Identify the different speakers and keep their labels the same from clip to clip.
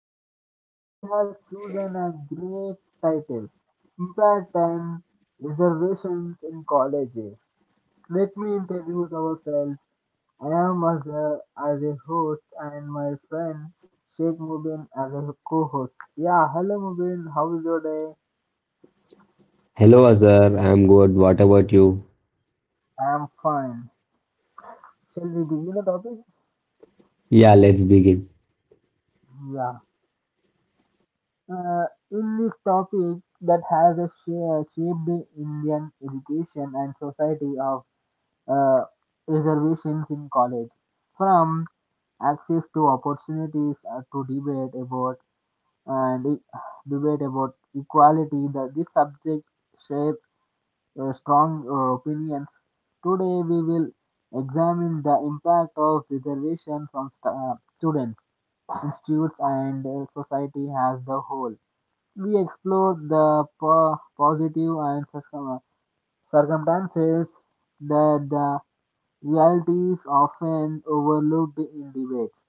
Speaker 1: episode. We have chosen a great title, Impact and Reservations in Colleges. Let me introduce ourselves. I am Azhar as a host and my friend Sheikh Mubin as a co-host. Yeah, hello Mubin, how is your day?
Speaker 2: Hello Azhar, I'm good. What about you?
Speaker 1: I am fine. Shall we begin the topic?
Speaker 2: Yeah, let's begin.
Speaker 1: Yeah. uh, in this topic that has a shaped Indian education and society of uh, reservations in college, from access to opportunities to debate and e-, about equality. That this subject shape strong opinions. Today we will examine the impact of reservations on students, institutes, and society as the whole. We explored the positive and circumstances that the realities often overlooked in debates.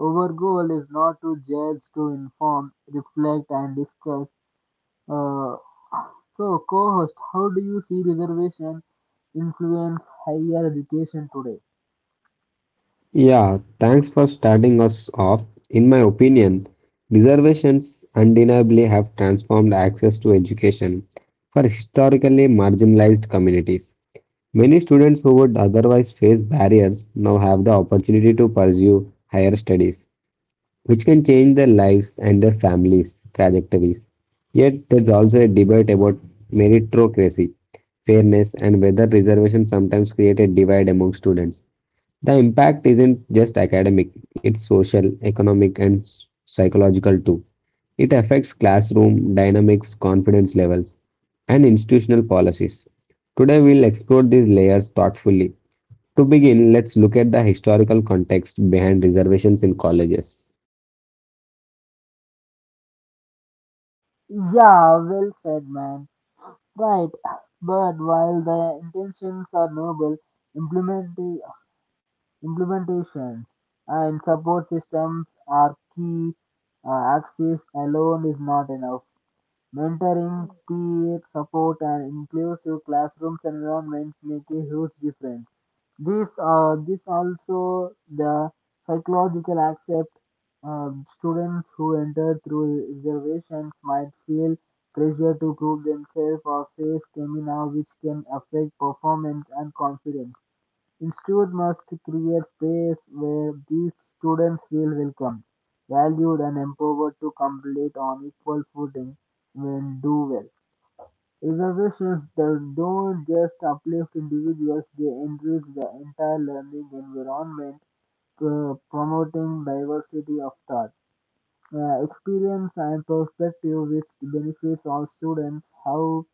Speaker 1: Our goal is not to judge, to inform, reflect, and discuss. Uh, so, co-host, how do you see reservation influence higher education today?
Speaker 2: Yeah, thanks for starting us off. In my opinion, reservations undeniably have transformed access to education for historically marginalized communities. Many students who would otherwise face barriers now have the opportunity to pursue higher studies which can change their lives and their families' trajectories. Yet, there's also a debate about meritocracy, fairness, and whether reservations sometimes create a divide among students. The impact isn't just academic, it's social, economic, and psychological too. It affects classroom dynamics, confidence levels, and institutional policies. Today, we'll explore these layers thoughtfully. To begin, let's look at the historical context behind reservations in colleges.
Speaker 1: Yeah, well said, man. Right, but while the intentions are noble, implementing Implementations and support systems are key. Access alone is not enough. Mentoring, peer support, and inclusive classrooms environments make a huge difference. This also the psychological accept students who enter through reservations might feel pressure to prove themselves or face stamina which can affect performance and confidence. Institute must create space where these students feel welcome, valued and empowered to compete on equal footing when do well. Reservations that don't just uplift individuals, they enrich the entire learning environment, promoting diversity of thought, experience and perspective which benefits all students. How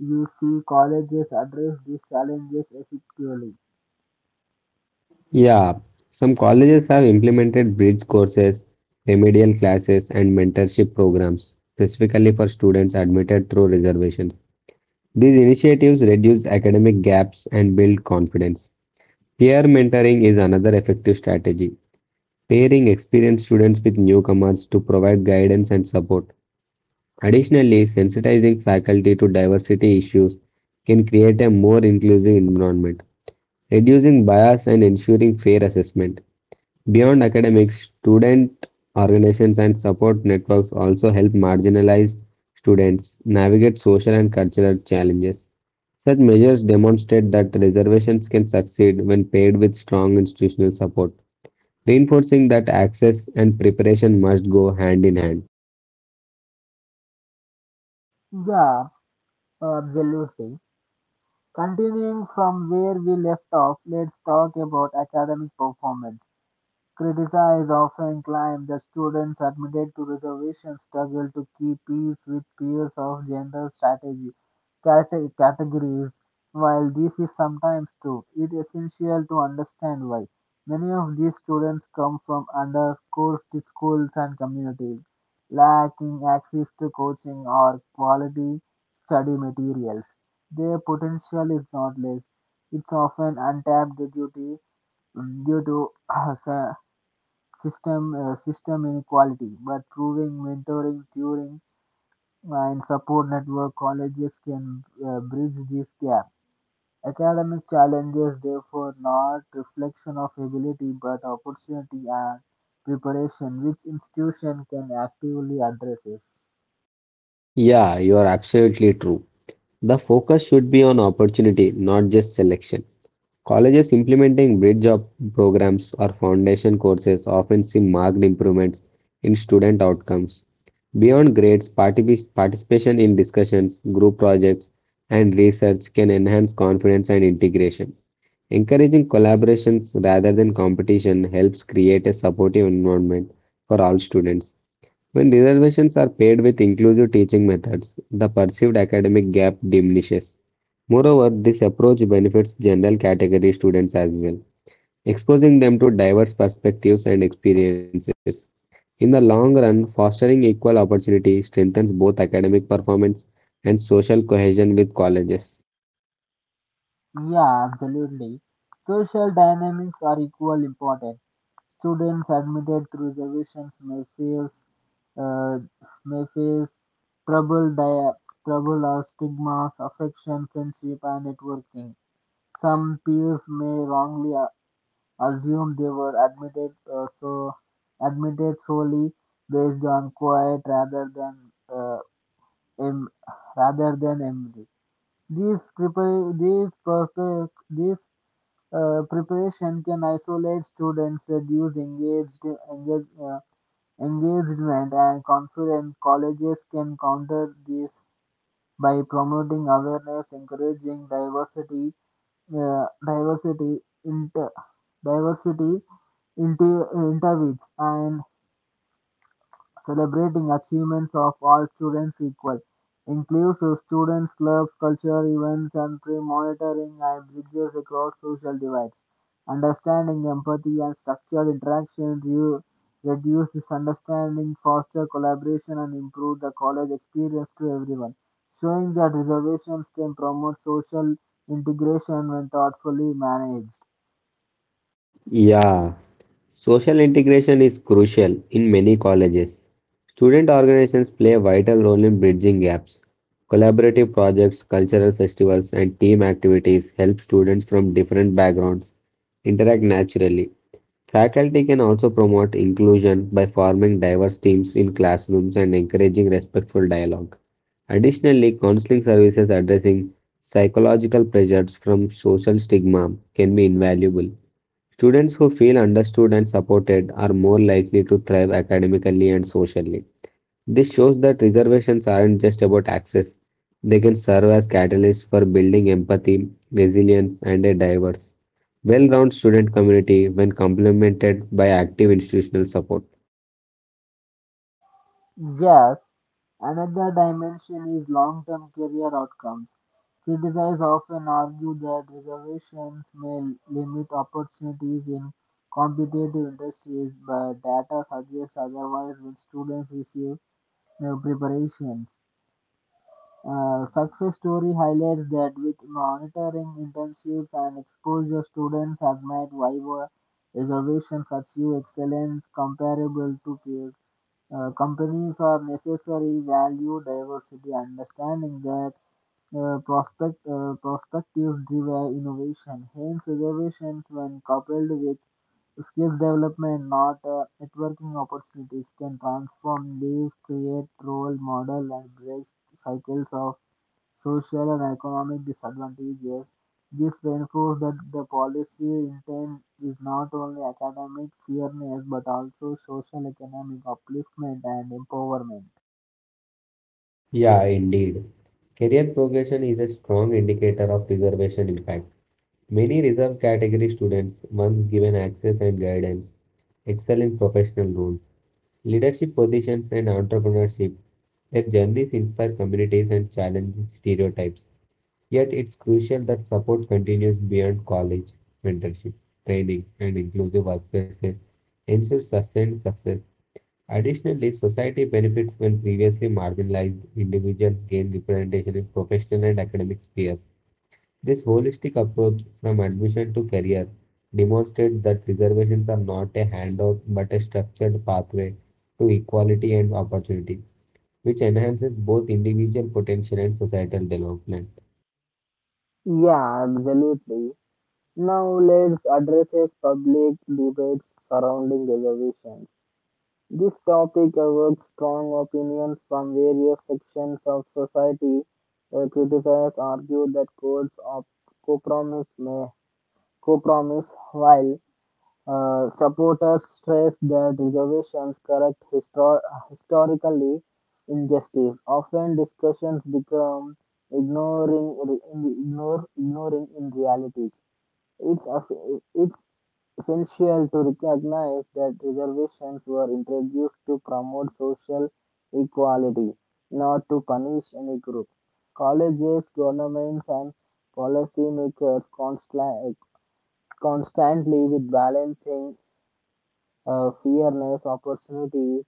Speaker 1: you see colleges address these challenges effectively?
Speaker 2: Yeah, some colleges have implemented bridge courses, remedial classes, and mentorship programs specifically for students admitted through reservations. These initiatives reduce academic gaps and build confidence. Peer mentoring is another effective strategy, pairing experienced students with newcomers to provide guidance and support. Additionally, sensitizing faculty to diversity issues can create a more inclusive environment, reducing bias and ensuring fair assessment. Beyond academics, student organizations and support networks also help marginalized students navigate social and cultural challenges. Such measures demonstrate that reservations can succeed when paired with strong institutional support, reinforcing that access and preparation must go hand in hand.
Speaker 1: Yeah, absolutely. Continuing from where we left off, let's talk about academic performance. Critics often claimed that students admitted to reservations struggle to keep pace with peers of general strategy categories. While this is sometimes true, it is essential to understand why. Many of these students come from underserved schools and communities, lacking access to coaching or quality study materials. Their potential is not less, it's often untapped due to due to system inequality, but proving mentoring, tutoring, and support network colleges can bridge this gap. Academic challenges, therefore, not reflection of ability but opportunity and preparation, which institution can actively address.
Speaker 2: Yeah, you are absolutely true. The focus should be on opportunity, not just selection. Colleges implementing bridge up programs or foundation courses often see marked improvements in student outcomes. Beyond grades, participation in discussions, group projects, and research can enhance confidence and integration. Encouraging collaborations rather than competition helps create a supportive environment for all students. When reservations are paired with inclusive teaching methods, the perceived academic gap diminishes. Moreover, this approach benefits general category students as well, exposing them to diverse perspectives and experiences. In the long run, fostering equal opportunity strengthens both academic performance and social cohesion with colleges.
Speaker 1: Yeah, absolutely. Social dynamics are equally important. Students admitted through reservations uh, may face trouble, di- trouble or stigmas, affection, friendship, and networking. Some peers may wrongly assume they were admitted solely based on quiet rather than uh, em- rather than memory. These prepare these perspe- these preparation can isolate students, reduce engage, uh, engagement, and confidence. Colleges can counter this by promoting awareness, encouraging uh, diversity, inter, diversity, interviews, and celebrating achievements of all students equal, includes students clubs, culture events, and pre-monitoring and bridges across social divides. Understanding, empathy, and structured interaction reduce misunderstanding, foster collaboration, and improve the college experience to everyone. Showing that reservations can promote social integration when thoughtfully managed.
Speaker 2: Yeah, social integration is crucial in many colleges. Student organizations play a vital role in bridging gaps. Collaborative projects, cultural festivals, and team activities help students from different backgrounds interact naturally. Faculty can also promote inclusion by forming diverse teams in classrooms and encouraging respectful dialogue. Additionally, counseling services addressing psychological pressures from social stigma can be invaluable. Students who feel understood and supported are more likely to thrive academically and socially. This shows that reservations aren't just about access, they can serve as catalysts for building empathy, resilience, and a diverse, well rounded student community when complemented by active institutional support.
Speaker 1: Yes, another dimension is long term career outcomes. Criticizers often argue that reservations may limit opportunities in competitive industries, but data suggests otherwise when students receive preparations. Success story highlights that with monitoring internships and exposure, students have made viable reservations achieve excellence comparable to peers. Companies are necessary value diversity, understanding that prospectives drive innovation. Hence, reservations when coupled with skill development, not networking opportunities, can transform lives, create role model, and break cycles of social and economic disadvantages. This reinforces that the policy intent is not only academic fairness but also social economic upliftment and empowerment.
Speaker 2: Yeah, indeed. Career progression is a strong indicator of reservation impact. Many reserve category students, once given access and guidance, excel in professional roles. Leadership positions and entrepreneurship. Their journeys inspire communities and challenge stereotypes. Yet it's crucial that support continues beyond college. Mentorship, training, and inclusive workplaces ensure sustained success. Additionally, society benefits when previously marginalized individuals gain representation in professional and academic spheres. This holistic approach from admission to career demonstrates that reservations are not a handout but a structured pathway to equality and opportunity, which enhances both individual potential and societal development.
Speaker 1: Yeah, absolutely. Now let's address as public debates surrounding reservations. This topic evokes strong opinions from various sections of society. Criticizers argue that codes of compromise may compromise, while supporters stress that reservations correct historically injustice. Often discussions become ignoring re- ignore ignoring in realities. It's as- it's essential to recognize that reservations were introduced to promote social equality, not to punish any group. Colleges, governments, and policymakers constantly with balancing fairness, opportunity,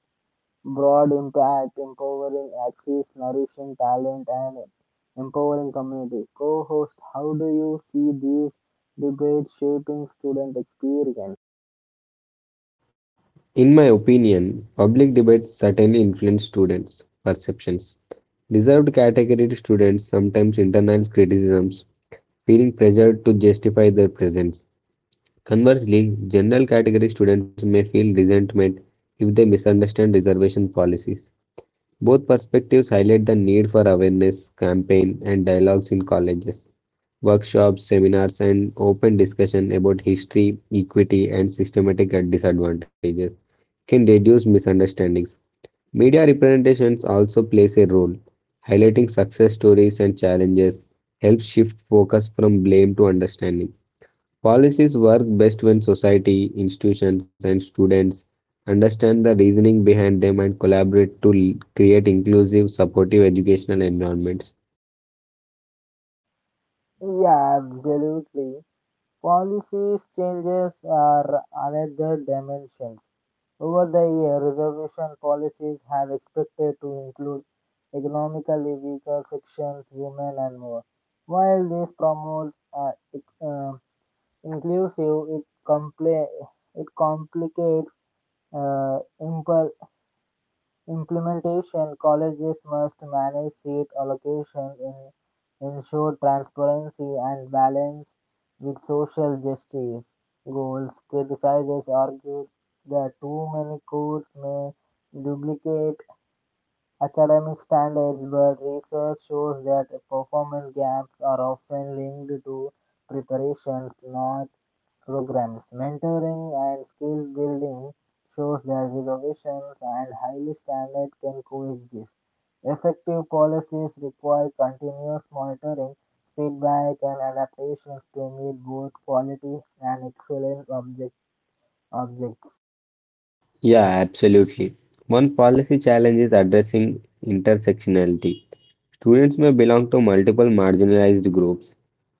Speaker 1: broad impact, empowering access, nourishing talent, and empowering community. Co host, how do you see these debates shaping student experience?
Speaker 2: In my opinion, public debates certainly influence students' perceptions. Reserved category students sometimes internalize criticisms, feeling pressured to justify their presence. Conversely, general category students may feel resentment if they misunderstand reservation policies. Both perspectives highlight the need for awareness, campaign, and dialogues in colleges, workshops, seminars, and open discussion about history, equity, and systematic disadvantages can reduce misunderstandings. Media representations also plays a role. Highlighting success stories and challenges helps shift focus from blame to understanding. Policies work best when society, institutions, and students understand the reasoning behind them and collaborate to create inclusive, supportive educational environments.
Speaker 1: Yeah, absolutely. Policies changes are another dimension. Over the years, reservation policies have expected to include economically weaker sections, women, and more. While this promotes inclusive, it complicates uh, impl- implementation. Colleges must manage seat allocation, ensure transparency, and balance with social justice goals. Criticizers argued that too many courses may duplicate academic standards, but research shows that performance gaps are often linked to preparations, not programs, mentoring, and skill building shows that reservations and highly standards can coexist. Effective policies require continuous monitoring, feedback, and adaptations to meet both quality and excellence objectives.
Speaker 2: Yeah, absolutely. One policy challenge is addressing intersectionality. Students may belong to multiple marginalized groups.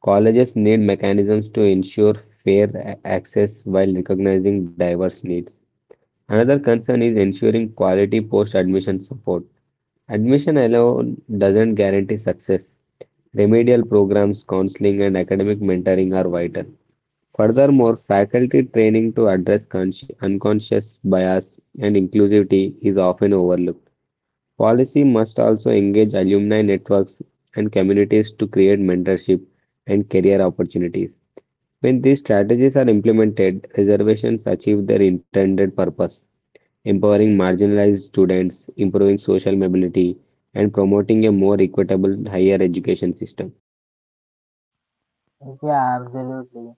Speaker 2: Colleges need mechanisms to ensure fair access while recognizing diverse needs. Another concern is ensuring quality post admission support. Admission alone doesn't guarantee success. Remedial programs, counseling, and academic mentoring are vital. Furthermore, faculty training to address unconscious bias and inclusivity is often overlooked. Policy must also engage alumni networks and communities to create mentorship and career opportunities. When these strategies are implemented, reservations achieve their intended purpose empowering marginalized students, improving social mobility, and promoting a more equitable higher education system.
Speaker 1: Yeah, absolutely.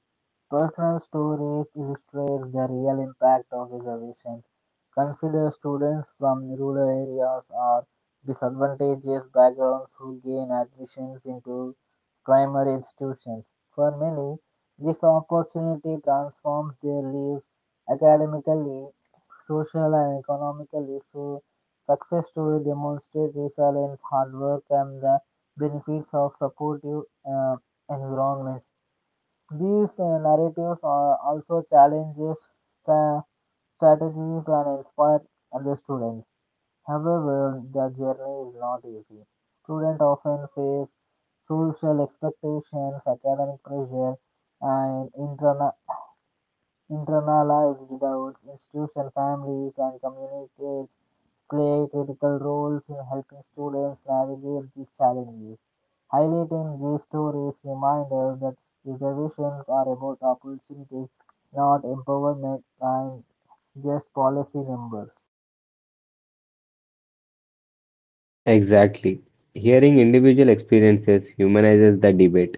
Speaker 1: Personal stories illustrate the real impact of reservations. Consider students from rural areas or disadvantaged backgrounds who gain admissions into primary institutions. For many, this opportunity transforms their lives academically, social, and economically. So, success stories demonstrate resilience, hard work, and the benefits of supportive uh, environments. These narratives are also challenges the strategies and inspire the students. However, their journey is not easy. Students often face social expectations, academic pressure, and internalized doubts. Institution families and communities play critical roles in helping students navigate these challenges. Highlighting these stories reminds us that reservations are about opportunity, not empowerment and just policy numbers.
Speaker 2: Exactly. Hearing individual experiences humanizes the debate.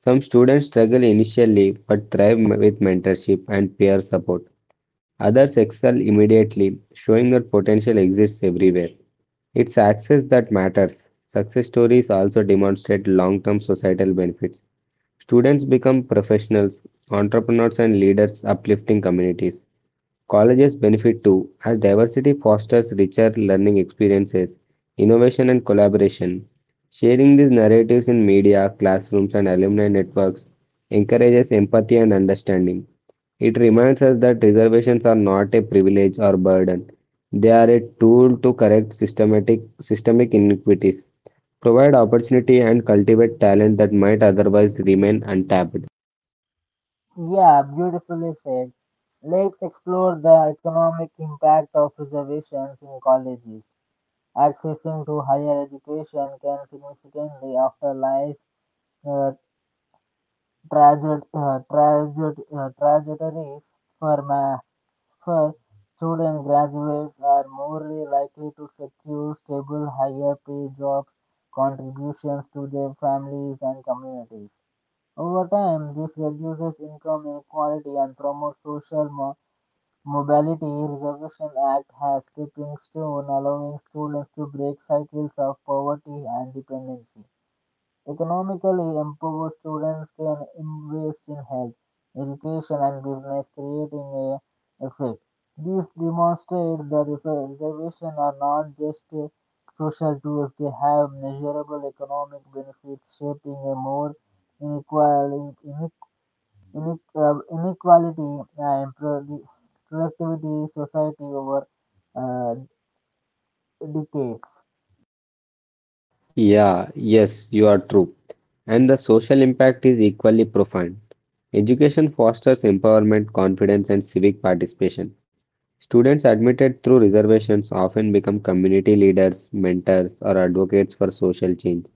Speaker 2: Some students struggle initially but thrive with mentorship and peer support. Others excel immediately, showing that potential exists everywhere. It's access that matters. Success stories also demonstrate long term societal benefits. Students become professionals, entrepreneurs and leaders uplifting communities. Colleges benefit too, as diversity fosters richer learning experiences, innovation and collaboration. Sharing these narratives in media, classrooms and alumni networks encourages empathy and understanding. It reminds us that reservations are not a privilege or burden. They are a tool to correct systematic systemic inequities. Provide opportunity and cultivate talent that might otherwise remain untapped.
Speaker 1: Yeah, beautifully said. Let's explore the economic impact of reservations in colleges. Accessing to higher education can significantly alter life uh, trajectories for ma- For student graduates are more likely to secure stable, higher pay jobs, contributions to their families and communities. Over time, this reduces income inequality and promotes social mobility. Reservation Act has stepping stone allowing students to break cycles of poverty and dependency. Economically empowered students can invest in health, education, and business, creating a effect. This demonstrates that reservations are not just social tools, they have measurable economic benefits, shaping a more inequality, inequality and productivity society over uh, decades.
Speaker 2: Yeah, yes, you are true. And the social impact is equally profound. Education fosters empowerment, confidence, and civic participation. Students admitted through reservations often become community leaders, mentors, or advocates for social change.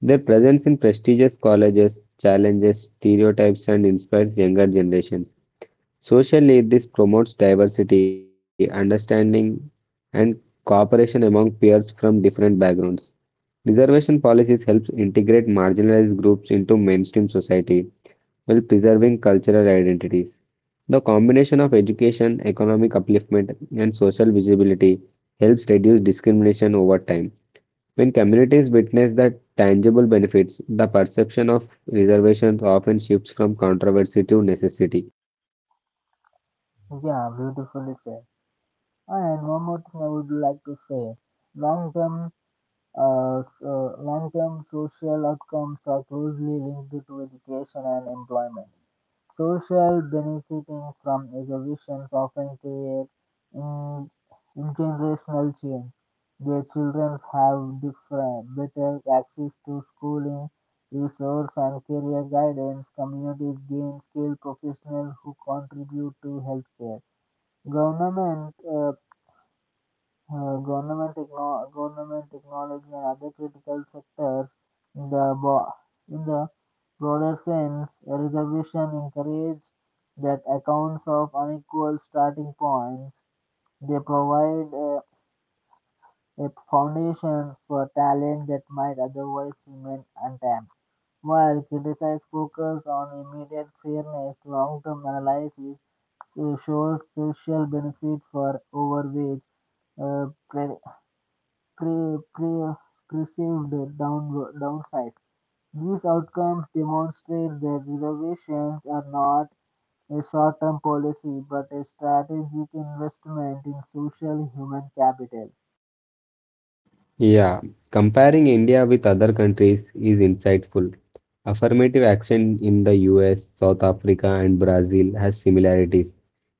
Speaker 2: Their presence in prestigious colleges challenges stereotypes and inspires younger generations. Socially, this promotes diversity, understanding, and cooperation among peers from different backgrounds. Reservation policies help integrate marginalized groups into mainstream society while preserving cultural identities. The combination of education, economic upliftment, and social visibility helps reduce discrimination over time. When communities witness the tangible benefits, the perception of reservations often shifts from controversy to necessity.
Speaker 1: Yeah, beautifully said. And one more thing I would like to say long-term long-term social outcomes are closely linked to education and employment. Social benefiting from exhibitions often create in, intergenerational change. Their children have different, better access to schooling, resource and career guidance. Communities gain skilled professionals who contribute to healthcare government uh, government technology and other critical sectors in the, bo- in the broader sense, a reservation encourages that accounts of unequal starting points. They provide a foundation for talent that might otherwise remain untapped. While criticized focus on immediate fairness, long-term analysis shows social benefit for over which uh, pre- pre- pre- perceived downsides. These outcomes demonstrate that reservations are not a short-term policy but a strategic investment in social human capital.
Speaker 2: Yeah, comparing India with other countries is insightful. Affirmative action in the US, South Africa, and Brazil has similarities,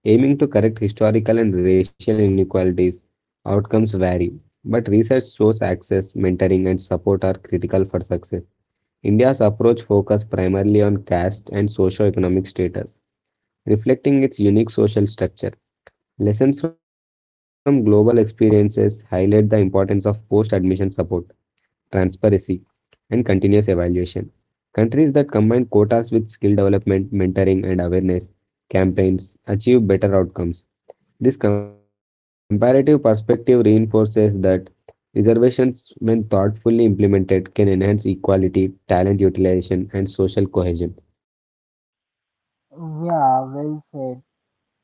Speaker 2: aiming to correct historical and racial inequalities. Outcomes vary, but research shows access, mentoring, and support are critical for success. India's approach focused primarily on caste and socio-economic status, reflecting its unique social structure. Lessons from global experiences highlight the importance of post-admission support transparency, and continuous evaluation. Countries that combine quotas with skill development, mentoring, and awareness campaigns achieve better outcomes. This comparative perspective reinforces that reservations, when thoughtfully implemented, can enhance equality, talent utilization, and social cohesion.
Speaker 1: Yeah, well said.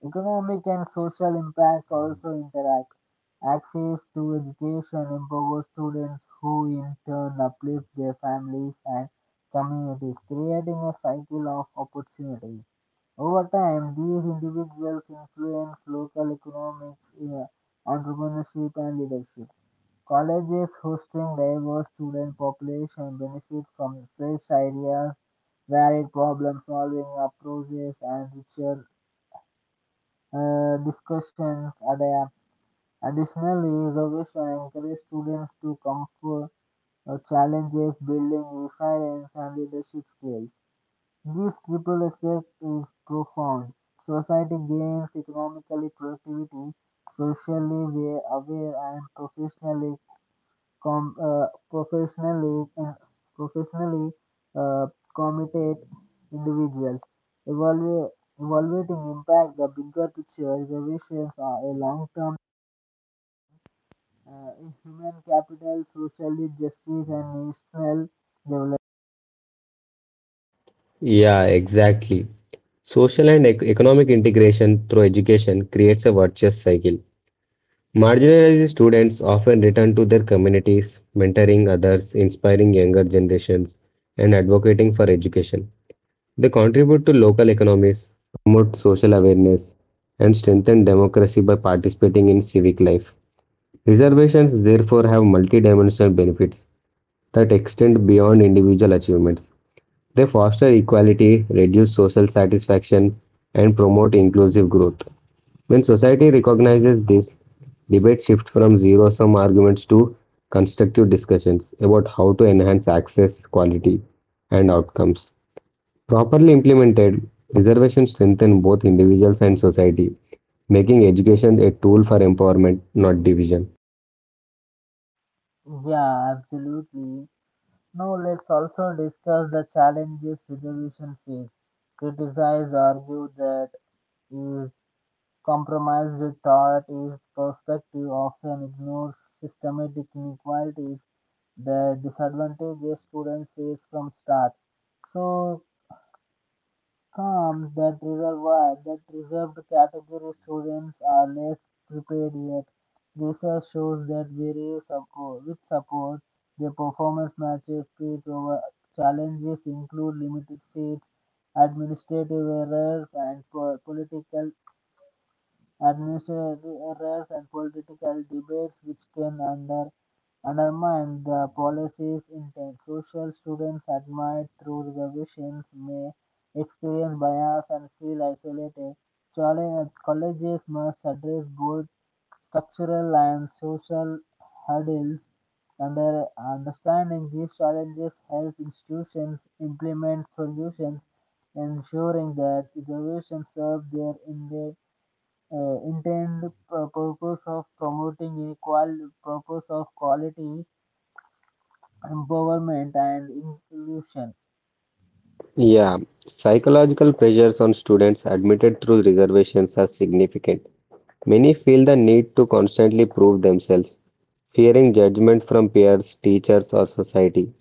Speaker 1: Economic and social impact also interact. Access to education empowers students who in turn uplift their families and communities, creating a cycle of opportunity. Over time, these individuals influence local economics, entrepreneurship, and leadership. Colleges hosting diverse student population benefit from fresh ideas, varied problem-solving approaches, and richer discussions. Additionally, innovation encourages students to come for challenges, building resilience and leadership skills. This triple effect is profound. Society gains economically productivity, socially we are aware and professionally com- professionally professionally uh, committed individuals. Evalu- Evaluating impact the bigger picture revisions are a long-term in human capital, social justice and national development.
Speaker 2: Yeah, exactly. Social and economic integration through education creates a virtuous cycle. Marginalized students often return to their communities, mentoring others, inspiring younger generations, and advocating for education. They contribute to local economies, promote social awareness, and strengthen democracy by participating in civic life. Reservations therefore have multidimensional benefits that extend beyond individual achievements. They foster equality, reduce social satisfaction, and promote inclusive growth. When society recognizes this, debates shift from zero sum arguments to constructive discussions about how to enhance access, quality, and outcomes. Properly implemented, reservations strengthen both individuals and society, making education a tool for empowerment, not division.
Speaker 1: Yeah, absolutely. Now let's also discuss the challenges civilizations face. Criticize argue that is compromised thought is perspective often ignores systematic inequalities the disadvantages students face from start. So calm that reservoir that reserved category students are less prepared yet. Research shows that with support, their performance matches speeds over challenges include limited seats, administrative errors, and political debates which can undermine the policies, intent. Social students admired through revisions may experience bias and feel isolated. Colleges must address both structural and social hurdles. Understanding these challenges help institutions implement solutions, ensuring that solutions serve their intended intended purpose of promoting equal purpose of quality empowerment and inclusion.
Speaker 2: Yeah, psychological pressures on students admitted through reservations are significant. Many feel the need to constantly prove themselves, fearing judgment from peers, teachers, or society.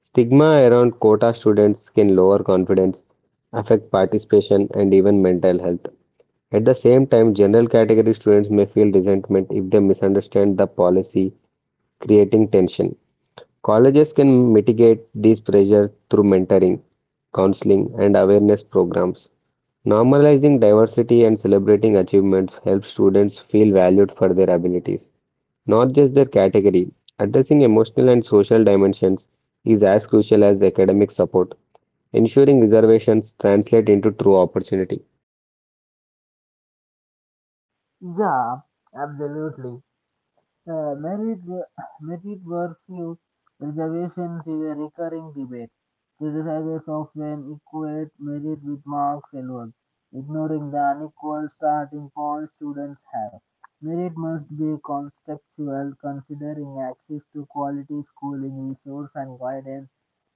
Speaker 2: Stigma around quota students can lower confidence, affect participation, and even mental health. At the same time, general category students may feel resentment if they misunderstand the policy, creating tension. Colleges can mitigate these pressures through mentoring, counseling, and awareness programs. Normalizing diversity and celebrating achievements helps students feel valued for their abilities not just their category. Addressing emotional and social dimensions is as crucial as the academic support, ensuring reservations translate into true opportunity.
Speaker 1: Yeah, absolutely. Uh, merit, Merit versus reservations is a recurring debate. Criticizers often equate merit with marks alone, ignoring the unequal starting point students have. Merit must be contextual, considering access to quality schooling, resource and guidance.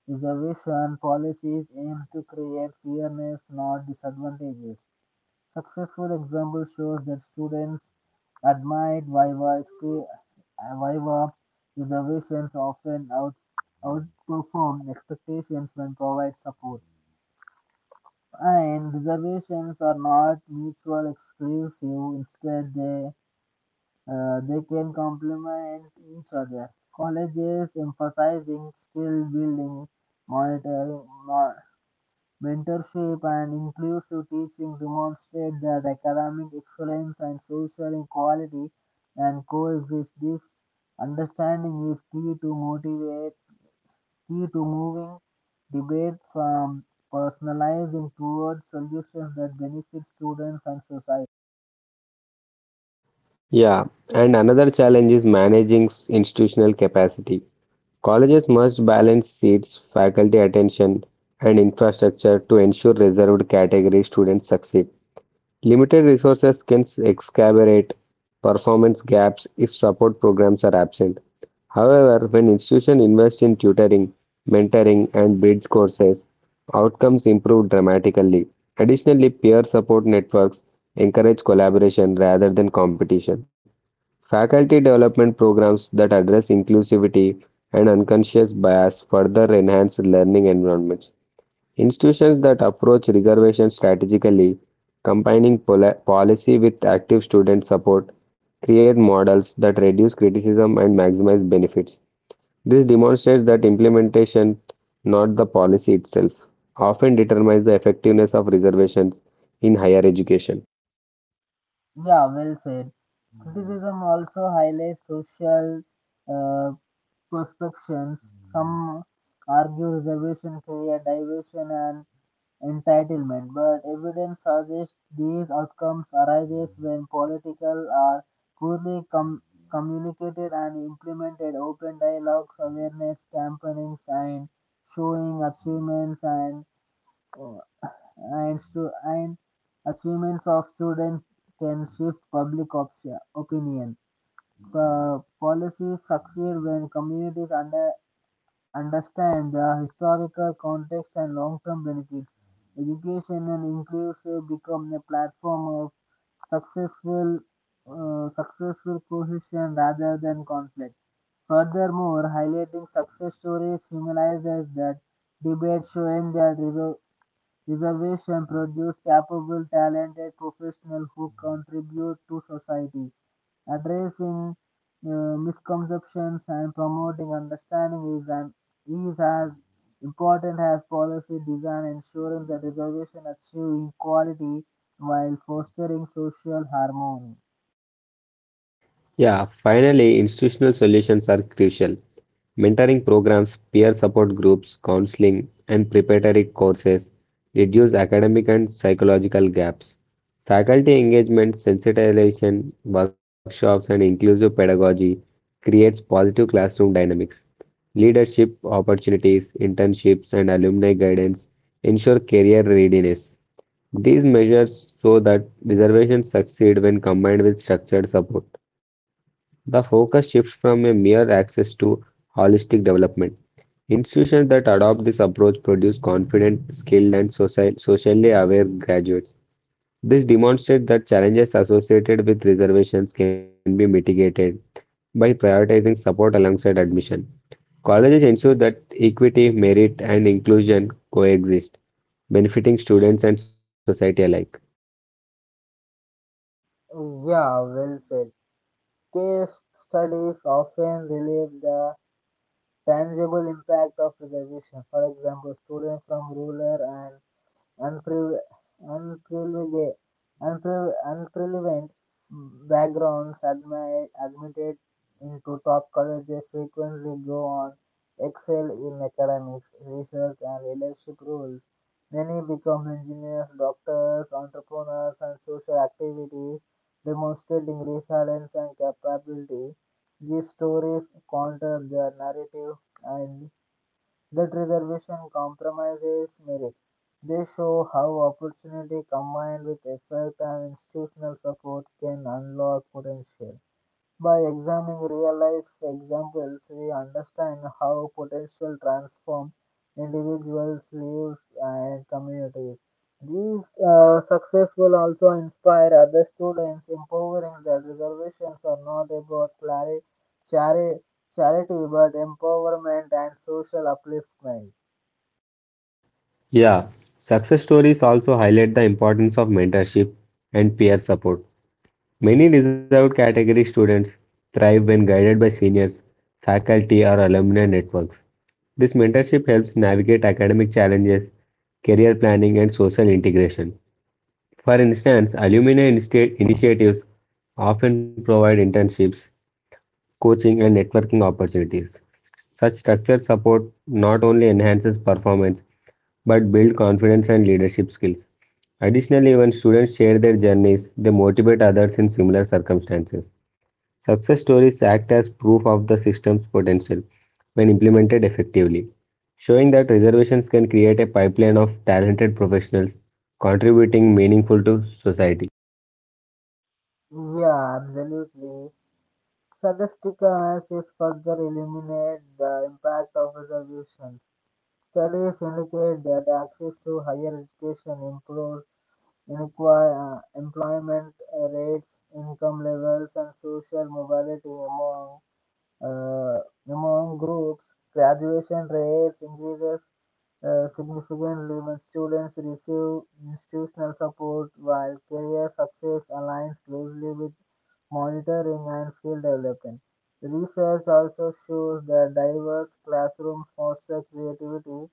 Speaker 1: Reservation policies aim to create fairness, not disadvantages. Successful example shows that students admired Viva reservations often outperform expectations when provide support. And reservations are not mutual exclusive. Instead, they can complement each other. Colleges emphasizing skill building, monitoring, mentorship and inclusive teaching demonstrate that academic excellence and social equality can coexist. This understanding is key to motivate, key to moving debate from personalizing towards solutions that benefit students and society.
Speaker 2: Yeah, and another challenge is managing institutional capacity. Colleges must balance seats, faculty attention, and infrastructure to ensure reserved category students succeed. Limited resources can exacerbate performance gaps if support programs are absent. However, when institutions invest in tutoring, mentoring, and bridge courses, outcomes improve dramatically. Additionally, peer support networks encourage collaboration rather than competition. Faculty development programs that address inclusivity and unconscious bias further enhance learning environments. Institutions that approach reservations strategically, combining policy with active student support, create models that reduce criticism and maximize benefits. This demonstrates that implementation, not the policy itself, often determines the effectiveness of reservations in higher education.
Speaker 1: Yeah, well said. Criticism also highlights social uh, perspectives. Some argue reservation create division and entitlement, but evidence suggests these outcomes arise when political are poorly communicated and implemented. Open dialogues, awareness campaigns, and showing achievements and achievements of students can shift public opinion. Policies succeed when communities understand the historical context and long-term benefits. Education and inclusive become a platform of successful, successful cohesion rather than conflict. Furthermore, highlighting success stories humanizes that debate, showing that reservation produce capable, talented professionals who contribute to society addressing misconceptions and promoting understanding is as important as policy design ensuring that reservation achieve equality while fostering social harmony.
Speaker 2: Yeah, finally, institutional solutions are crucial. Mentoring programs, peer support groups, counseling, and preparatory courses reduce academic and psychological gaps. Faculty engagement, sensitization, workshops, and inclusive pedagogy creates positive classroom dynamics. Leadership opportunities, internships, and alumni guidance ensure career readiness. These measures show that reservations succeed when combined with structured support. The focus shifts from a mere access to holistic development. Institutions that adopt this approach produce confident, skilled, and socially aware graduates. This demonstrates that challenges associated with reservations can be mitigated by prioritizing support alongside admission. Colleges ensure that equity, merit, and inclusion coexist, benefiting students and society alike.
Speaker 1: Yeah, well said. Case studies often relieve the tangible impact of reservation. For example, students from rural and Unpre, unprivilege- unpre, unprivileged backgrounds admitted into top colleges frequently go on excel in academics, research, and leadership roles. Many become engineers, doctors, entrepreneurs, and social activities, demonstrating resilience and capability. These stories counter their narrative and that reservation compromises merit. They show how opportunity combined with effort and institutional support can unlock potential. By examining real-life examples, we understand how potential transform individuals' lives and communities. These success will also inspire other students, empowering that reservations are not about chari- charity but empowerment and social upliftment.
Speaker 2: Yeah, success stories also highlight the importance of mentorship and peer support. Many reserved category students thrive when guided by seniors, faculty, or alumni networks. This mentorship helps navigate academic challenges, career planning, and social integration. For instance, alumni initiatives often provide internships, coaching, and networking opportunities. Such structured support not only enhances performance but builds confidence and leadership skills. Additionally, when students share their journeys, they motivate others in similar circumstances. Success stories act as proof of the system's potential when implemented effectively, showing that reservations can create a pipeline of talented professionals contributing meaningful to society.
Speaker 1: Yeah, absolutely. Statistics is further illuminate the impact of reservation. Studies indicate that access to higher education improves employment rates, income levels, and social mobility among uh, among groups. Graduation rates increases significantly when students receive institutional support, while career success aligns closely with monitoring and skill development. Research also shows that diverse classrooms foster creativity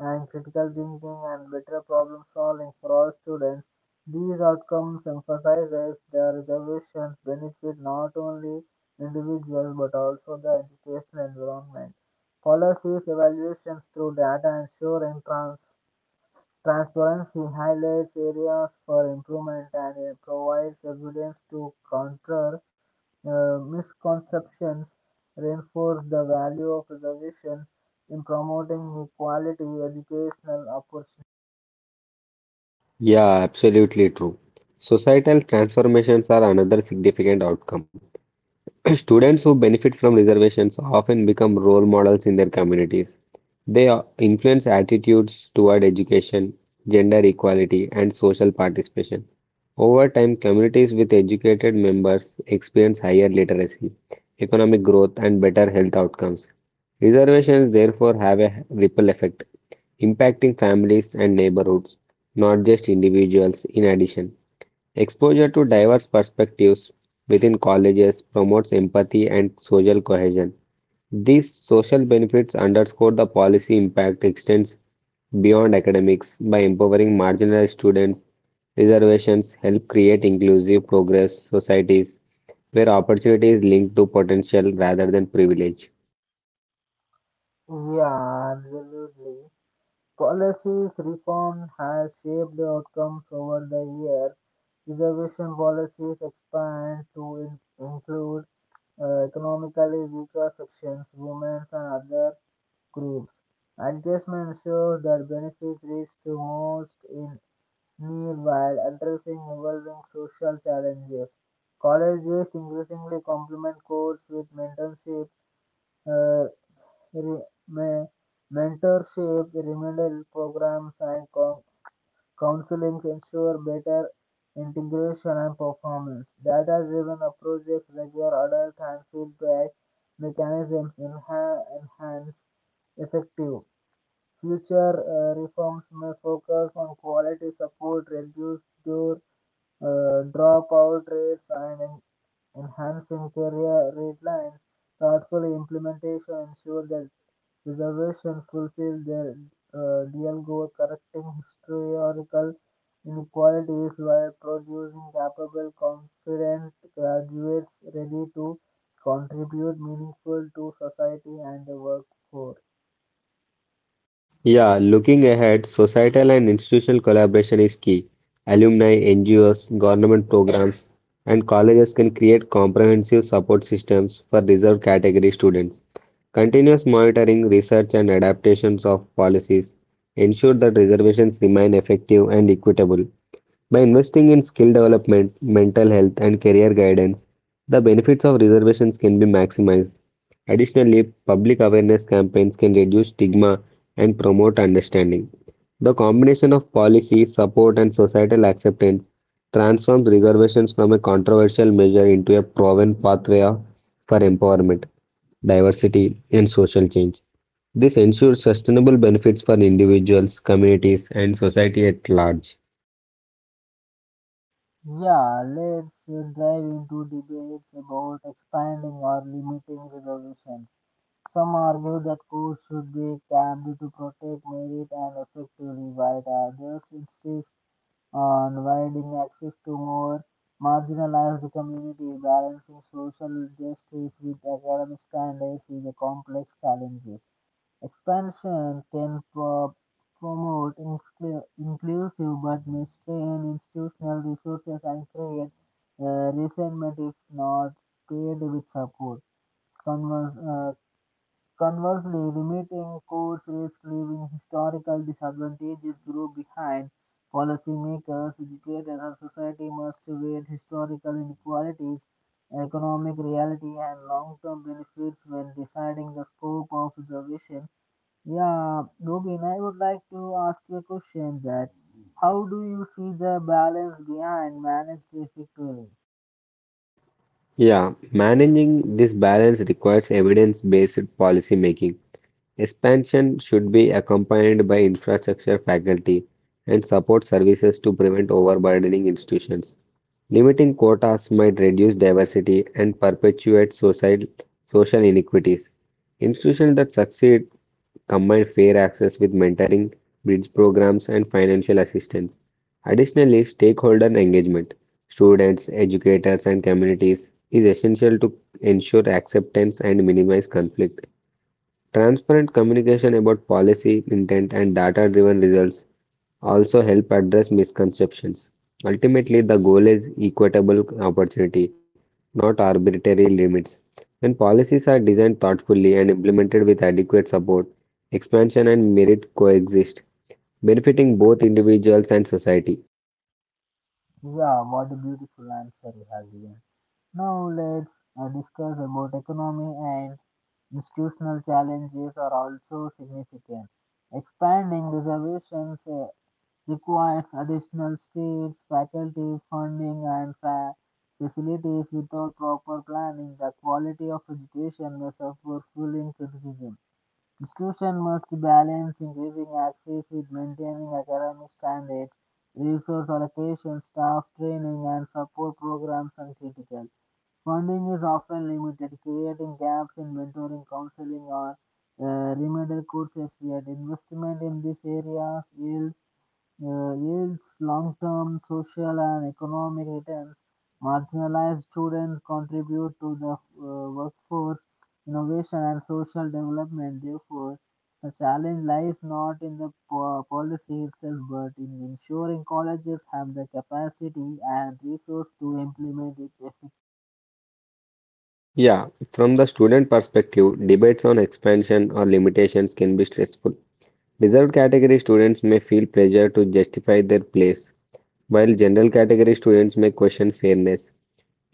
Speaker 1: and critical thinking and better problem solving for all students. These outcomes emphasizes their reservations benefit not only individuals but also the educational environment. Policies evaluations through data ensuring transparency highlights areas for improvement and it provides evidence to counter misconceptions reinforce the value of reservations in promoting equality educational opportunities.
Speaker 2: Yeah, absolutely true. Societal transformations are another significant outcome. Students who benefit from reservations often become role models in their communities. Influence attitudes toward education, gender equality, and social participation. Over time, communities with educated members experience higher literacy, economic growth, and better health outcomes. Reservations therefore have a ripple effect, impacting families and neighborhoods, not just individuals, in addition. Exposure to diverse perspectives within colleges promotes empathy and social cohesion. These social benefits underscore the policy impact extends beyond academics by empowering marginalized students. Reservations help create inclusive progress societies where opportunity is linked to potential rather than privilege.
Speaker 1: Yeah, absolutely. Policies reform has shaped the outcomes over the years. Reservation policies expand to include economically weaker sections, women, and other groups. Adjustment ensures that benefits reach to most in meanwhile, addressing evolving social challenges, colleges increasingly complement courses with uh, re- me- mentorship, remedial programs, and counseling to ensure better integration and performance. Data-driven approaches regular adult and feedback mechanisms enhance effective. Future reforms may focus on quality support, reduce door dropout rates and enhancing career guidelines, thoughtful implementation ensures that reservations fulfill their real goal, correcting historical inequalities while producing capable, confident graduates ready to contribute meaningful to society and the workforce.
Speaker 2: Yeah, looking ahead, societal and institutional collaboration is key. Alumni, NGOs, government programs, and colleges can create comprehensive support systems for reserved category students. Continuous monitoring, research, and adaptations of policies ensure that reservations remain effective and equitable. By investing in skill development, mental health, and career guidance, the benefits of reservations can be maximized. Additionally, public awareness campaigns can reduce stigma and promote understanding. The combination of policy, support, and societal acceptance transforms reservations from a controversial measure into a proven for empowerment, diversity, and social change. This ensures sustainable benefits for individuals, communities, and society at large.
Speaker 1: Yeah, let's dive into debates about expanding or limiting reservations. Some argue that courts should be capped to protect merit and effectively, while others insist on widening access to more marginalized communities. Balancing social justice with academic standards is a complex challenge. Expansion can promote inclusive but may strain institutional resources and create resentment if not paired with support. Converse, uh, Conversely, limiting courts risk leaving historical disadvantages grow behind. Policymakers, educators, and society must weigh historical inequalities, economic reality, and long-term benefits when deciding the scope of preservation. Yeah, Robin, I would like to ask you a question that how do you see the balance behind managed effectively?
Speaker 2: Yeah, managing this balance requires evidence-based policy making. Expansion should be accompanied by infrastructure, faculty, and support services to prevent overburdening institutions. Limiting quotas might reduce diversity and perpetuate social inequities. Institutions that succeed combine fair access with mentoring, bridge programs, and financial assistance. Additionally, stakeholder engagement, students, educators, and communities is essential to ensure acceptance and minimize conflict. Transparent communication about policy intent and data driven results also help address misconceptions. Ultimately, the goal is equitable opportunity, not arbitrary limits. When policies are designed thoughtfully and implemented with adequate support, expansion and merit coexist, benefiting both individuals and society.
Speaker 1: Yeah, what a beautiful answer you have given. Now let's discuss about economy and institutional challenges are also significant. Expanding reservations requires additional states, faculty, funding, and facilities. Without proper planning, the quality of education may suffer fueling criticism. Institutions must balance increasing access with maintaining academic standards, resource allocation, staff training, and support programs are critical. Funding is often limited, creating gaps in mentoring, counseling, or remedial courses. Yet, investment in these areas yields long term social and economic returns. Marginalized students contribute to the workforce, innovation, and social development. Therefore, the challenge lies not in the policy itself but in ensuring colleges have the capacity and resource to implement it.
Speaker 2: Yeah, from the student perspective, debates on expansion or limitations can be stressful. Reserved category students may feel pressure to justify their place while general category students may question fairness.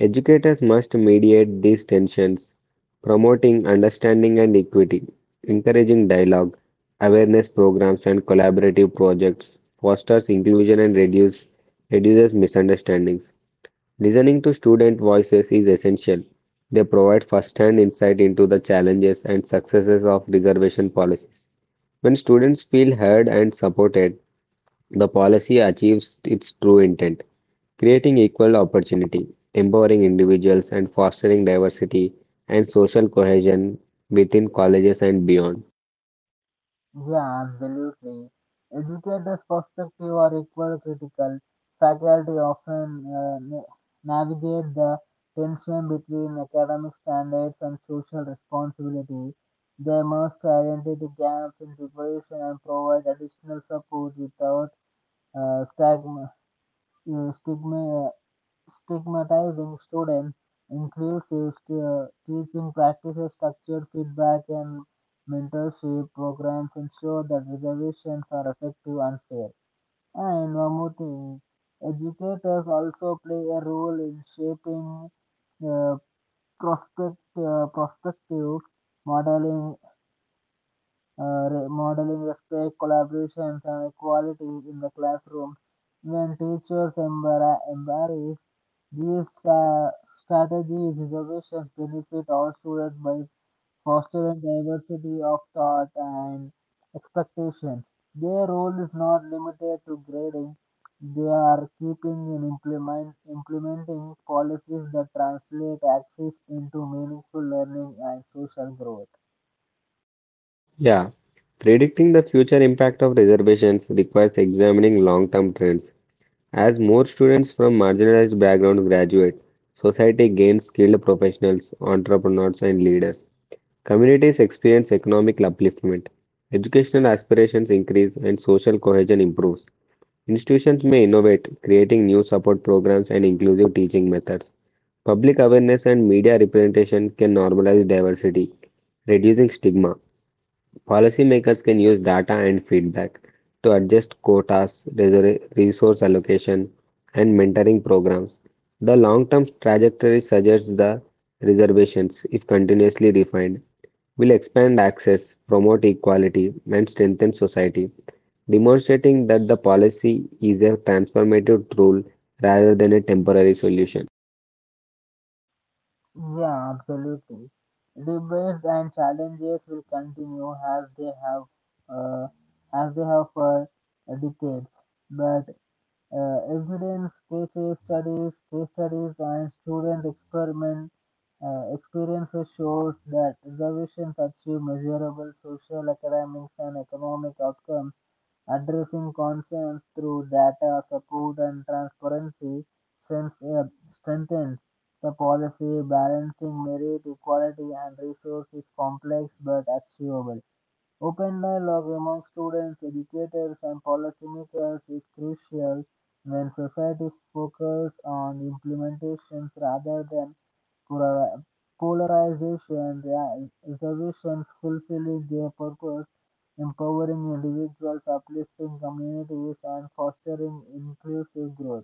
Speaker 2: Educators must mediate these tensions, promoting understanding and equity, encouraging dialogue, awareness programs and collaborative projects, fosters inclusion and reduces misunderstandings. Listening to student voices is essential. They provide first-hand insight into the challenges and successes of reservation policies. When students feel heard and supported, the policy achieves its true intent, creating equal opportunity, empowering individuals, and fostering diversity and social cohesion within colleges and beyond.
Speaker 1: Yeah, absolutely. Educators' perspective are equally critical. Faculty often navigate the tension between academic standards and social responsibility. They must identify gaps in preparation and provide additional support without uh, stigma, uh, stigma uh, stigmatizing student inclusive teaching practices, structured feedback, and mentorship programs ensure that reservations are effective and fair. And one more thing, educators also play a role in shaping uh, prospective modeling modeling respect, collaboration, and equality in the classroom. When teachers embrace these strategies, innovations benefit all students by fostering diversity of thought and expectations. Their role is not limited to grading. They are keeping and implementing policies that translate access into meaningful learning and social growth.
Speaker 2: Yeah, predicting the future impact of reservations requires examining long term trends. As more students from marginalized backgrounds graduate, society gains skilled professionals, entrepreneurs, and leaders. Communities experience economic upliftment, educational aspirations increase, and social cohesion improves. Institutions may innovate, creating new support programs and inclusive teaching methods. Public awareness and media representation can normalize diversity, reducing stigma. Policymakers can use data and feedback to adjust quotas, resource allocation, and mentoring programs. The long term trajectory suggests the reservations, if continuously refined, will expand access, promote equality, and strengthen society, demonstrating that the policy is a transformative tool rather than a temporary solution.
Speaker 1: Yeah, absolutely. Debates and challenges will continue as they have uh, as they have for decades. But evidence, case studies, and student experiment experiences shows that reservations achieve measurable social, academic, and economic outcomes. Addressing concerns through data support and transparency since, strengthens the policy. Balancing merit, equality, and resource is complex but achievable. Open dialogue among students, educators, and policymakers is crucial when society focuses on implementations rather than Polari- polarization reservations fulfilling their purpose, empowering individuals, uplifting communities, and fostering inclusive growth.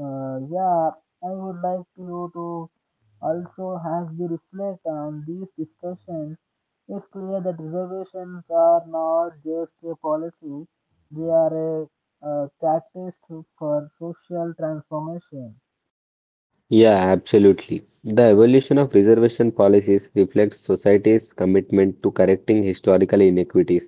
Speaker 1: Yeah, I would like you to also, as we reflect on these discussions, it's clear that reservations are not just a policy, they are a catalyst for social transformation.
Speaker 2: Yeah, absolutely. The evolution of reservation policies reflects society's commitment to correcting historical inequities.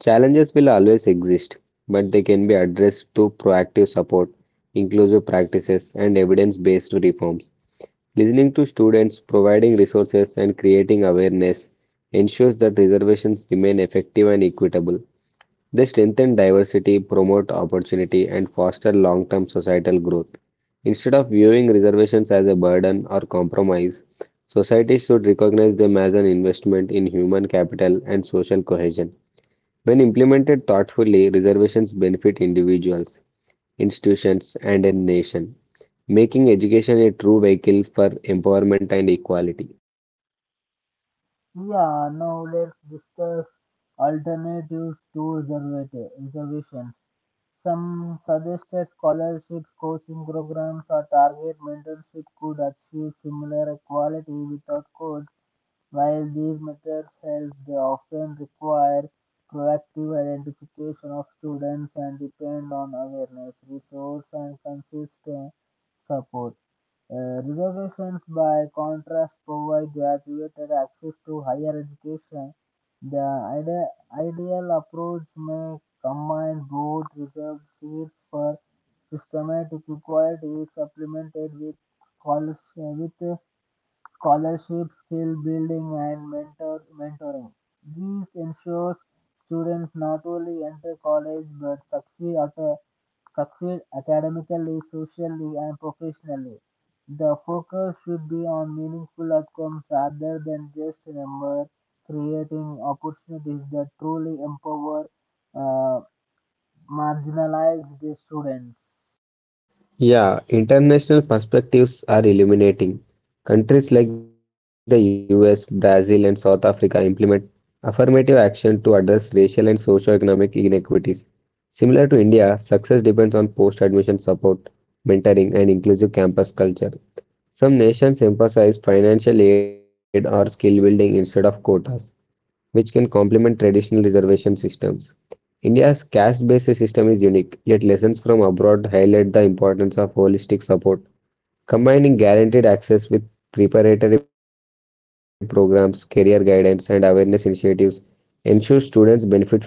Speaker 2: Challenges will always exist, but they can be addressed through proactive support, inclusive practices, and evidence based reforms. Listening to students, providing resources, and creating awareness ensures that reservations remain effective and equitable. They strengthen diversity, promote opportunity, and foster long-term societal growth. Instead of viewing reservations as a burden or compromise, society should recognize them as an investment in human capital and social cohesion. When implemented thoughtfully, reservations benefit individuals, institutions, and a nation, making education a true vehicle for empowerment and equality.
Speaker 1: Yeah, now let's discuss alternatives to reservations. Some suggested scholarships, coaching programs, or target mentorship could achieve similar equality without codes while these methods help, they often require proactive identification of students and depend on awareness, resource, and consistent support. Reservations, by contrast, provide graduated access to higher education. The ideal approach may combine both reserved seats for systematic equality supplemented with, quali- with scholarship, skill building, and mentoring. This ensures students not only enter college but succeed academically, socially, and professionally. The focus should be on meaningful outcomes rather than just number, creating opportunities that truly empower uh, marginalized students.
Speaker 2: Yeah, international perspectives are illuminating. Countries like the US, Brazil, and South Africa implement affirmative action to address racial and socio-economic inequities. Similar to India, success depends on post-admission support, mentoring, and inclusive campus culture. Some nations emphasize financial aid or skill building instead of quotas, which can complement traditional reservation systems. India's caste-based system is unique, yet lessons from abroad highlight the importance of holistic support. Combining guaranteed access with preparatory programs, career guidance, and awareness initiatives ensures students benefit fully.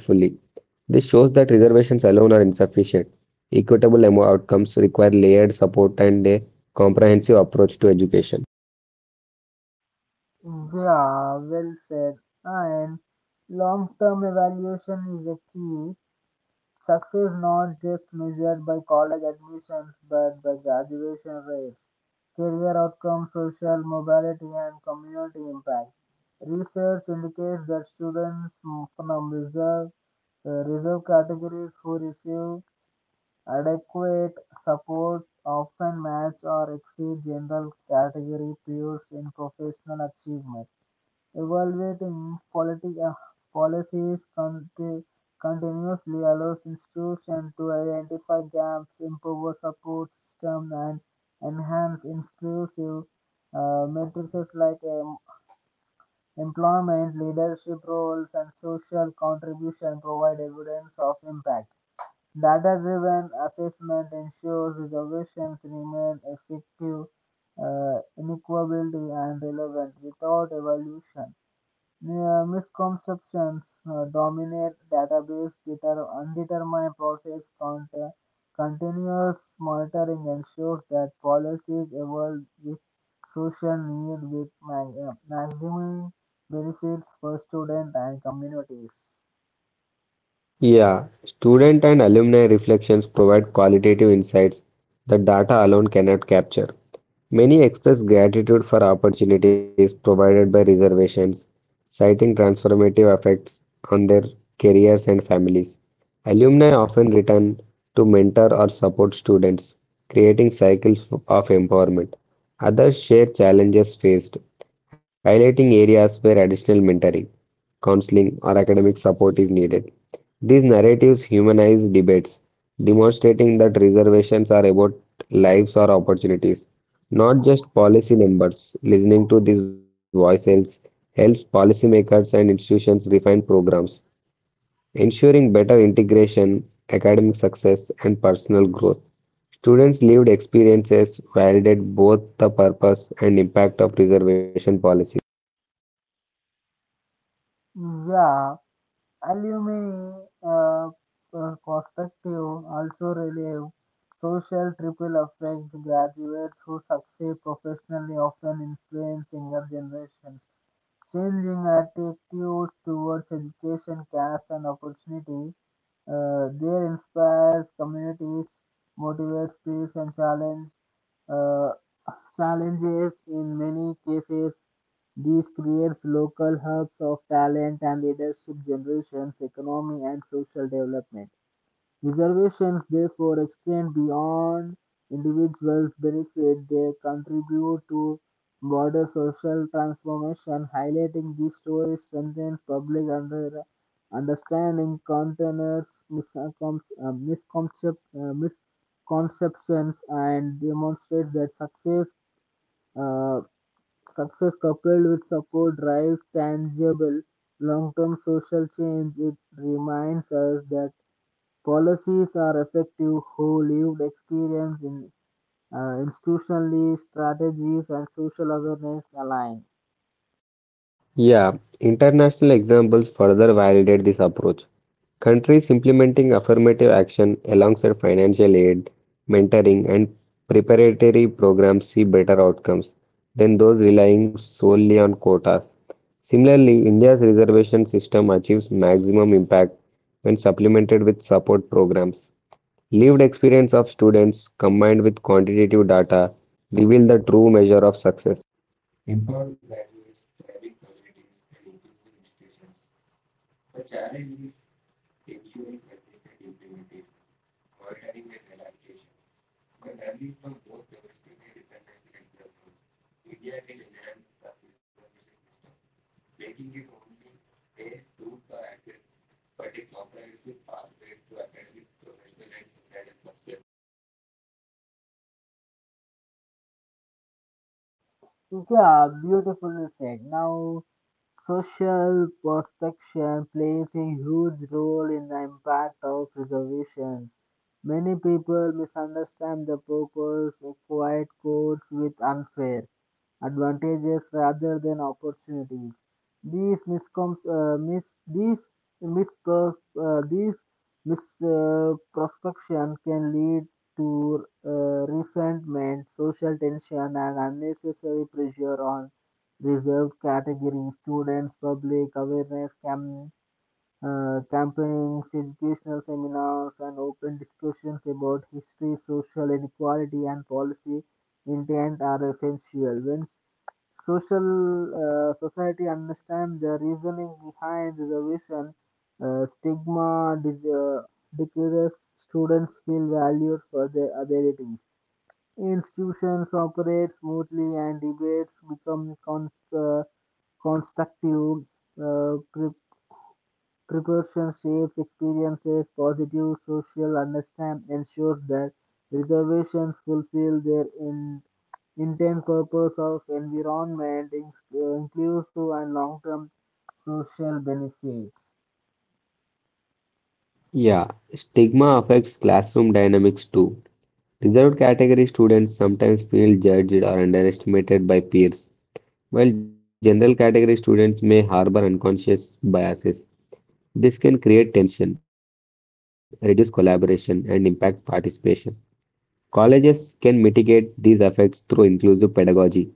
Speaker 2: This shows that reservations alone are insufficient. Outcomes require layered support and a comprehensive approach to education.
Speaker 1: Yeah, well said. And long term evaluation is a key. Success not just measured by college admissions but by graduation rates, career outcomes, social mobility, and community impact. Research indicates that students from reserve categories who receive adequate support often match or exceed general category peers in professional achievement. Evaluating policies continuously allows institutions to identify gaps, improve support systems, and enhance inclusive matrices like employment, leadership roles, and social contribution provide evidence of impact. Data-driven assessment ensures reservations remain effective, inequality, and relevant without evaluation. Yeah, misconceptions dominate database undetermined process count. Continuous monitoring ensures that policies evolve with social need with maximum benefits for students and communities.
Speaker 2: Yeah, student and alumni reflections provide qualitative insights that data alone cannot capture. Many express gratitude for opportunities provided by reservations, citing transformative effects on their careers and families. Alumni often return to mentor or support students, creating cycles of empowerment. Others share challenges faced, highlighting areas where additional mentoring, counseling, or academic support is needed. These narratives humanize debates, demonstrating that reservations are about lives or opportunities, not just policy numbers. Listening to these voices helps policymakers and institutions refine programs, ensuring better integration, academic success, and personal growth. Students' lived experiences validate both the purpose and impact of reservation policies.
Speaker 1: Yeah, alumni uh, perspective also relieve social triple effects. Graduates who succeed professionally often influence younger generations, changing attitude towards education caste, and opportunity. There inspires communities, motivates peers, and uh, challenges. In many cases, these creates local hubs of talent and leadership generations, economy, and social development. Reservations therefore extend beyond individuals' benefit; they contribute to broader social transformation. Highlighting these stories strengthens understanding, counters misconceptions, and demonstrates that uh, success coupled with support drives tangible long-term social change. It reminds us that policies are effective who lived experience in institutionally strategies and social awareness align.
Speaker 2: Yeah, international examples further validate this approach. Countries implementing affirmative action alongside financial aid, mentoring, and preparatory programs see better outcomes than those relying solely on quotas. Similarly, India's reservation system achieves maximum impact when supplemented with support programs. Lived experience of students combined with quantitative data reveal the true measure of success.
Speaker 1: Yeah, beautifully said. Now, social prospection plays a huge role in the impact of reservations. Many people misunderstand the purpose of quiet codes with unfair advantages rather than opportunities. These miscom mis these misperception can lead to resentment, social tension, and unnecessary pressure on reserved categories. Students, public awareness campaigns, educational seminars, and open discussions about history, social inequality, and policy intent are essential. When social society understand the reasoning behind reservation stigma decreases students feel valued for their abilities institutions operate smoothly and debates become uh, constructive. uh, Preparation shapes experiences, positive social understanding ensures that reservations fulfill their intent purpose of environment, inclusive and long-term social benefits.
Speaker 2: Yeah, stigma affects classroom dynamics too. Reserved category students sometimes feel judged or underestimated by peers, while general category students may harbor unconscious biases. This can create tension, reduce collaboration, and impact participation. Colleges can mitigate these effects through inclusive pedagogy,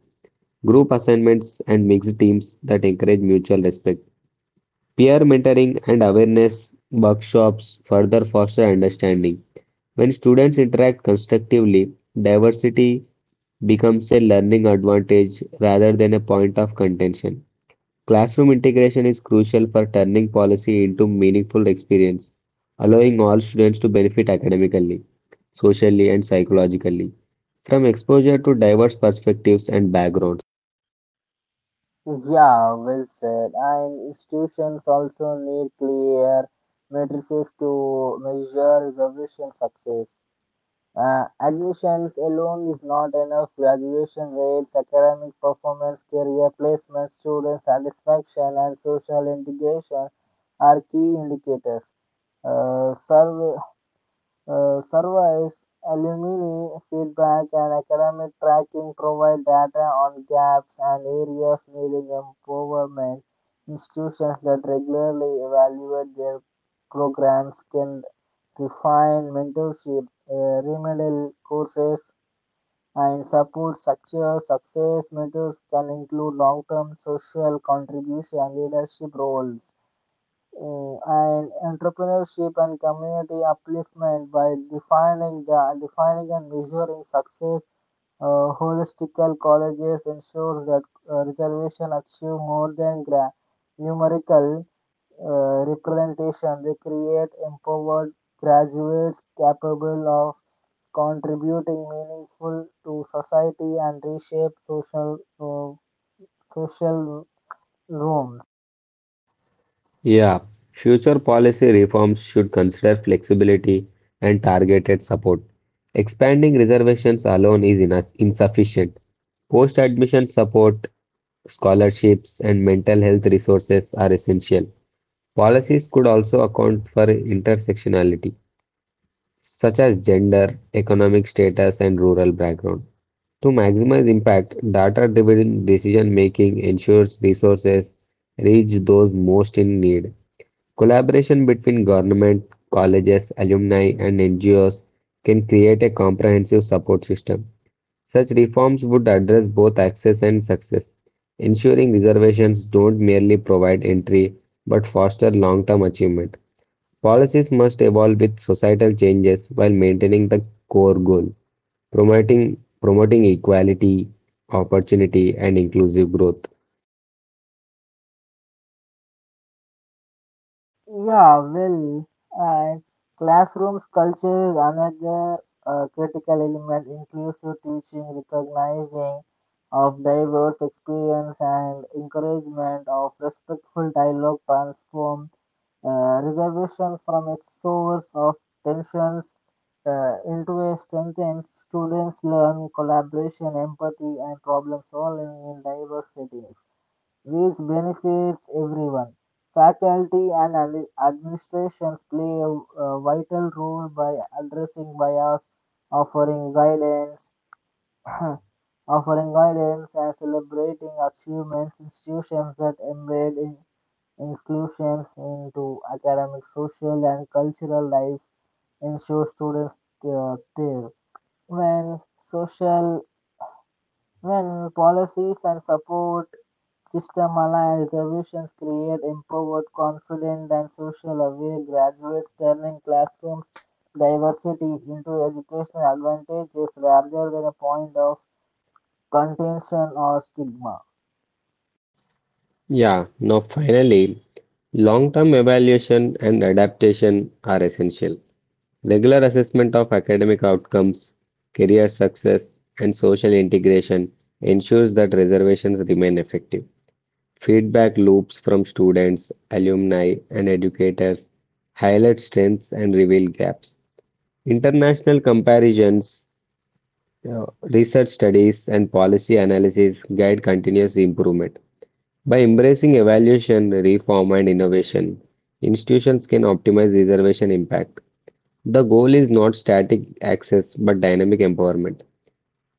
Speaker 2: group assignments, and mixed teams that encourage mutual respect. Peer mentoring and awareness workshops further foster understanding. When students interact constructively, diversity becomes a learning advantage rather than a point of contention. Classroom integration is crucial for turning policy into meaningful experience, allowing all students to benefit academically, socially, and psychologically from exposure to diverse perspectives and backgrounds.
Speaker 1: Yeah, well said. And institutions also need clear matrices to measure reservation success. Admissions alone is not enough. Graduation rates, academic performance, career placement, student satisfaction, and social integration are key indicators. Uh, survey, Surveys, alumni feedback, and academic tracking provide data on gaps and areas needing improvement. Institutions that regularly evaluate their programs can refine mentorship, remedial courses, and support structures. Success mentors can include long-term social contribution and leadership roles and entrepreneurship and community upliftment by defining and measuring success. Holistical colleges ensures that reservation achieve more than numerical representation. They create empowered graduates capable of contributing meaningful to society and reshape uh, social norms.
Speaker 2: Yeah, future policy reforms should consider flexibility and targeted support. Expanding reservations alone is insufficient. Post-admission support, scholarships, and mental health resources are essential. Policies could also account for intersectionality, such as gender, economic status, and rural background. To maximize impact, data-driven decision-making ensures resources reach those most in need. Collaboration between government, colleges, alumni, and NGOs can create a comprehensive support system. Such reforms would address both access and success, ensuring reservations don't merely provide entry but foster long term achievement. Policies must evolve with societal changes while maintaining the core goal, promoting equality, opportunity, and inclusive growth.
Speaker 1: Yeah, well, and classrooms culture is another critical element. Inclusive teaching, recognizing of diverse experience and encouragement of respectful dialogue transform reservations from a source of tensions into a strengthened students learn collaboration, empathy, and problem solving in diverse settings which benefits everyone. Faculty and administrations play a vital role by addressing bias, offering guidance, offering guidance and celebrating achievements. Institutions that embed inclusions into academic, social, and cultural life ensure students thrive. When social when policies and support system-aligned interventions create empowered, confident, and social-aware graduates, turning classrooms diversity into educational advantages rather than a point of contention or stigma.
Speaker 2: Yeah, now finally, long-term evaluation and adaptation are essential. Regular assessment of academic outcomes, career success, and social integration ensures that reservations remain effective. Feedback loops from students, alumni, and educators highlight strengths and reveal gaps. International comparisons, research studies, and policy analysis guide continuous improvement. By embracing evaluation, reform, and innovation, institutions can optimize reservation impact. The goal is not static access but dynamic empowerment,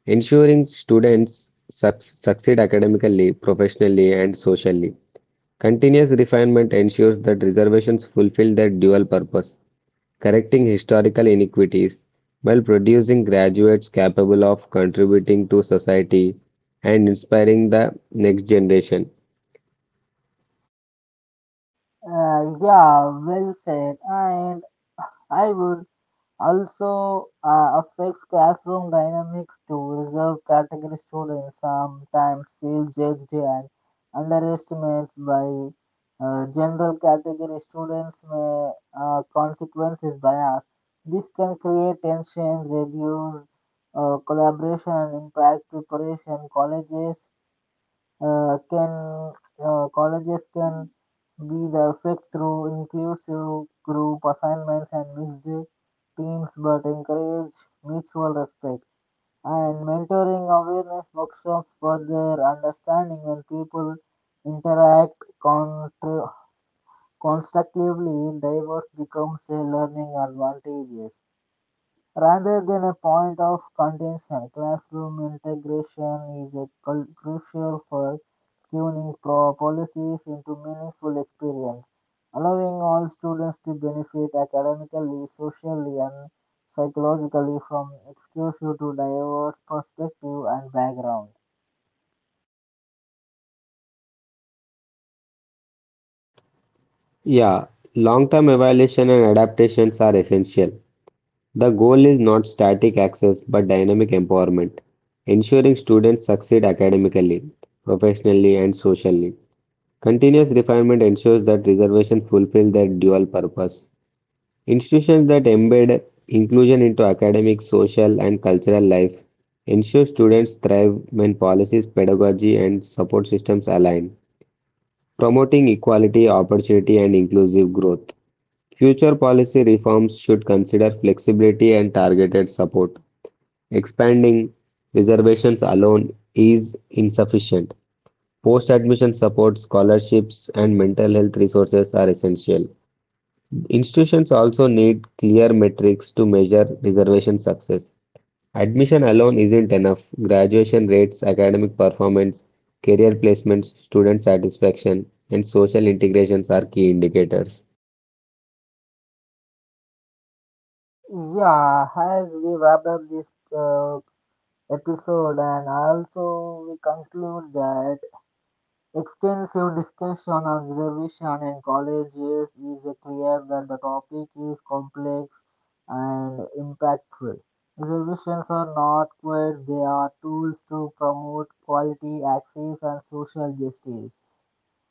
Speaker 2: ensuring students succeed academically, professionally, and socially. Continuous refinement ensures that reservations fulfill their dual purpose, correcting historical inequities while producing graduates capable of contributing to society and inspiring the next generation.
Speaker 1: Yeah, well said. And I would also affects classroom dynamics to reserve category students sometimes feel judged and underestimates by general category students may consequences bias this can create tension reduce collaboration and impact preparation colleges can colleges can be the effect through inclusive group assignments and mixed teams but encourage mutual respect and mentoring awareness workshops for their understanding when people interact contra- constructively diverse becomes a learning advantage rather than a point of contention, classroom integration is a crucial for tuning policies into meaningful experience, allowing all students to benefit academically, socially, and psychologically from exposure to diverse perspective and background.
Speaker 2: Yeah, long-term evaluation and adaptations are essential. The goal is not static access but dynamic empowerment, ensuring students succeed academically, professionally, and socially. Continuous refinement ensures that reservations fulfill their dual purpose. Institutions that embed inclusion into academic, social, and cultural life ensure students thrive when policies, pedagogy, and support systems align, promoting equality, opportunity, and inclusive growth. Future policy reforms should consider flexibility and targeted support. Expanding reservations alone is insufficient. Post admission support, scholarships, and mental health resources are essential. Institutions also need clear metrics to measure reservation success. Admission alone isn't enough. Graduation rates, academic performance, career placements, student satisfaction, and social integrations are key indicators.
Speaker 1: Yeah, as we wrap up this uh, episode, and also we conclude that extensive discussion and revision in colleges is clear that the topic is complex and impactful. Reservations are not quite, they are tools to promote quality, access, and social justice.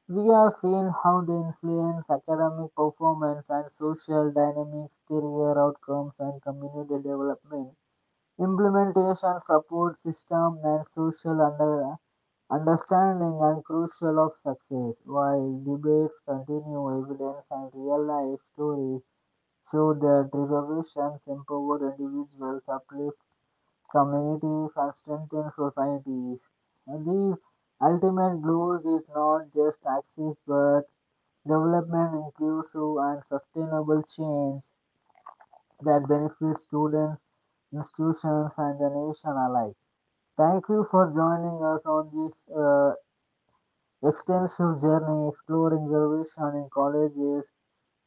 Speaker 1: We have seen how they influence academic performance and social dynamics, career outcomes, and community development. Implementation support system and understanding are crucial of success. While debates continue, evidence and real-life stories show that reservations empower individuals, uplift communities, and strengthen societies. And these ultimate goals is not just access, but development, inclusive and sustainable change that benefits students, institutions, and the nation alike. Thank you for joining us on this uh, extensive journey exploring revolution in colleges.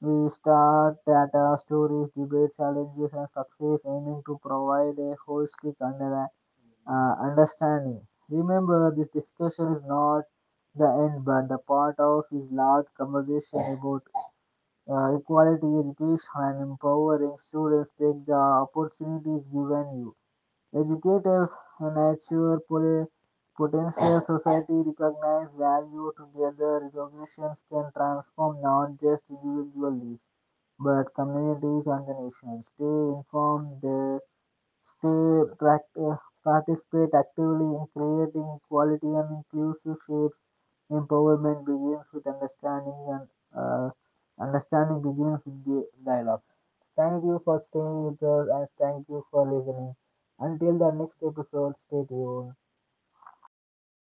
Speaker 1: We start data, stories, debate, challenges, and success, aiming to provide a understanding. Remember, this discussion is not the end, but the part of this large conversation about equality, education, and empowering students. Take the opportunities given you. Educators nurture potential society recognize value together resolutions can transform not just individual lives but communities and the nation. Stay informed, stay pract- uh, participate actively in creating quality and inclusive shapes. Empowerment begins with understanding and uh, understanding begins with the dialogue. Thank you for staying with us and thank you for listening. Until the next episode, stay tuned.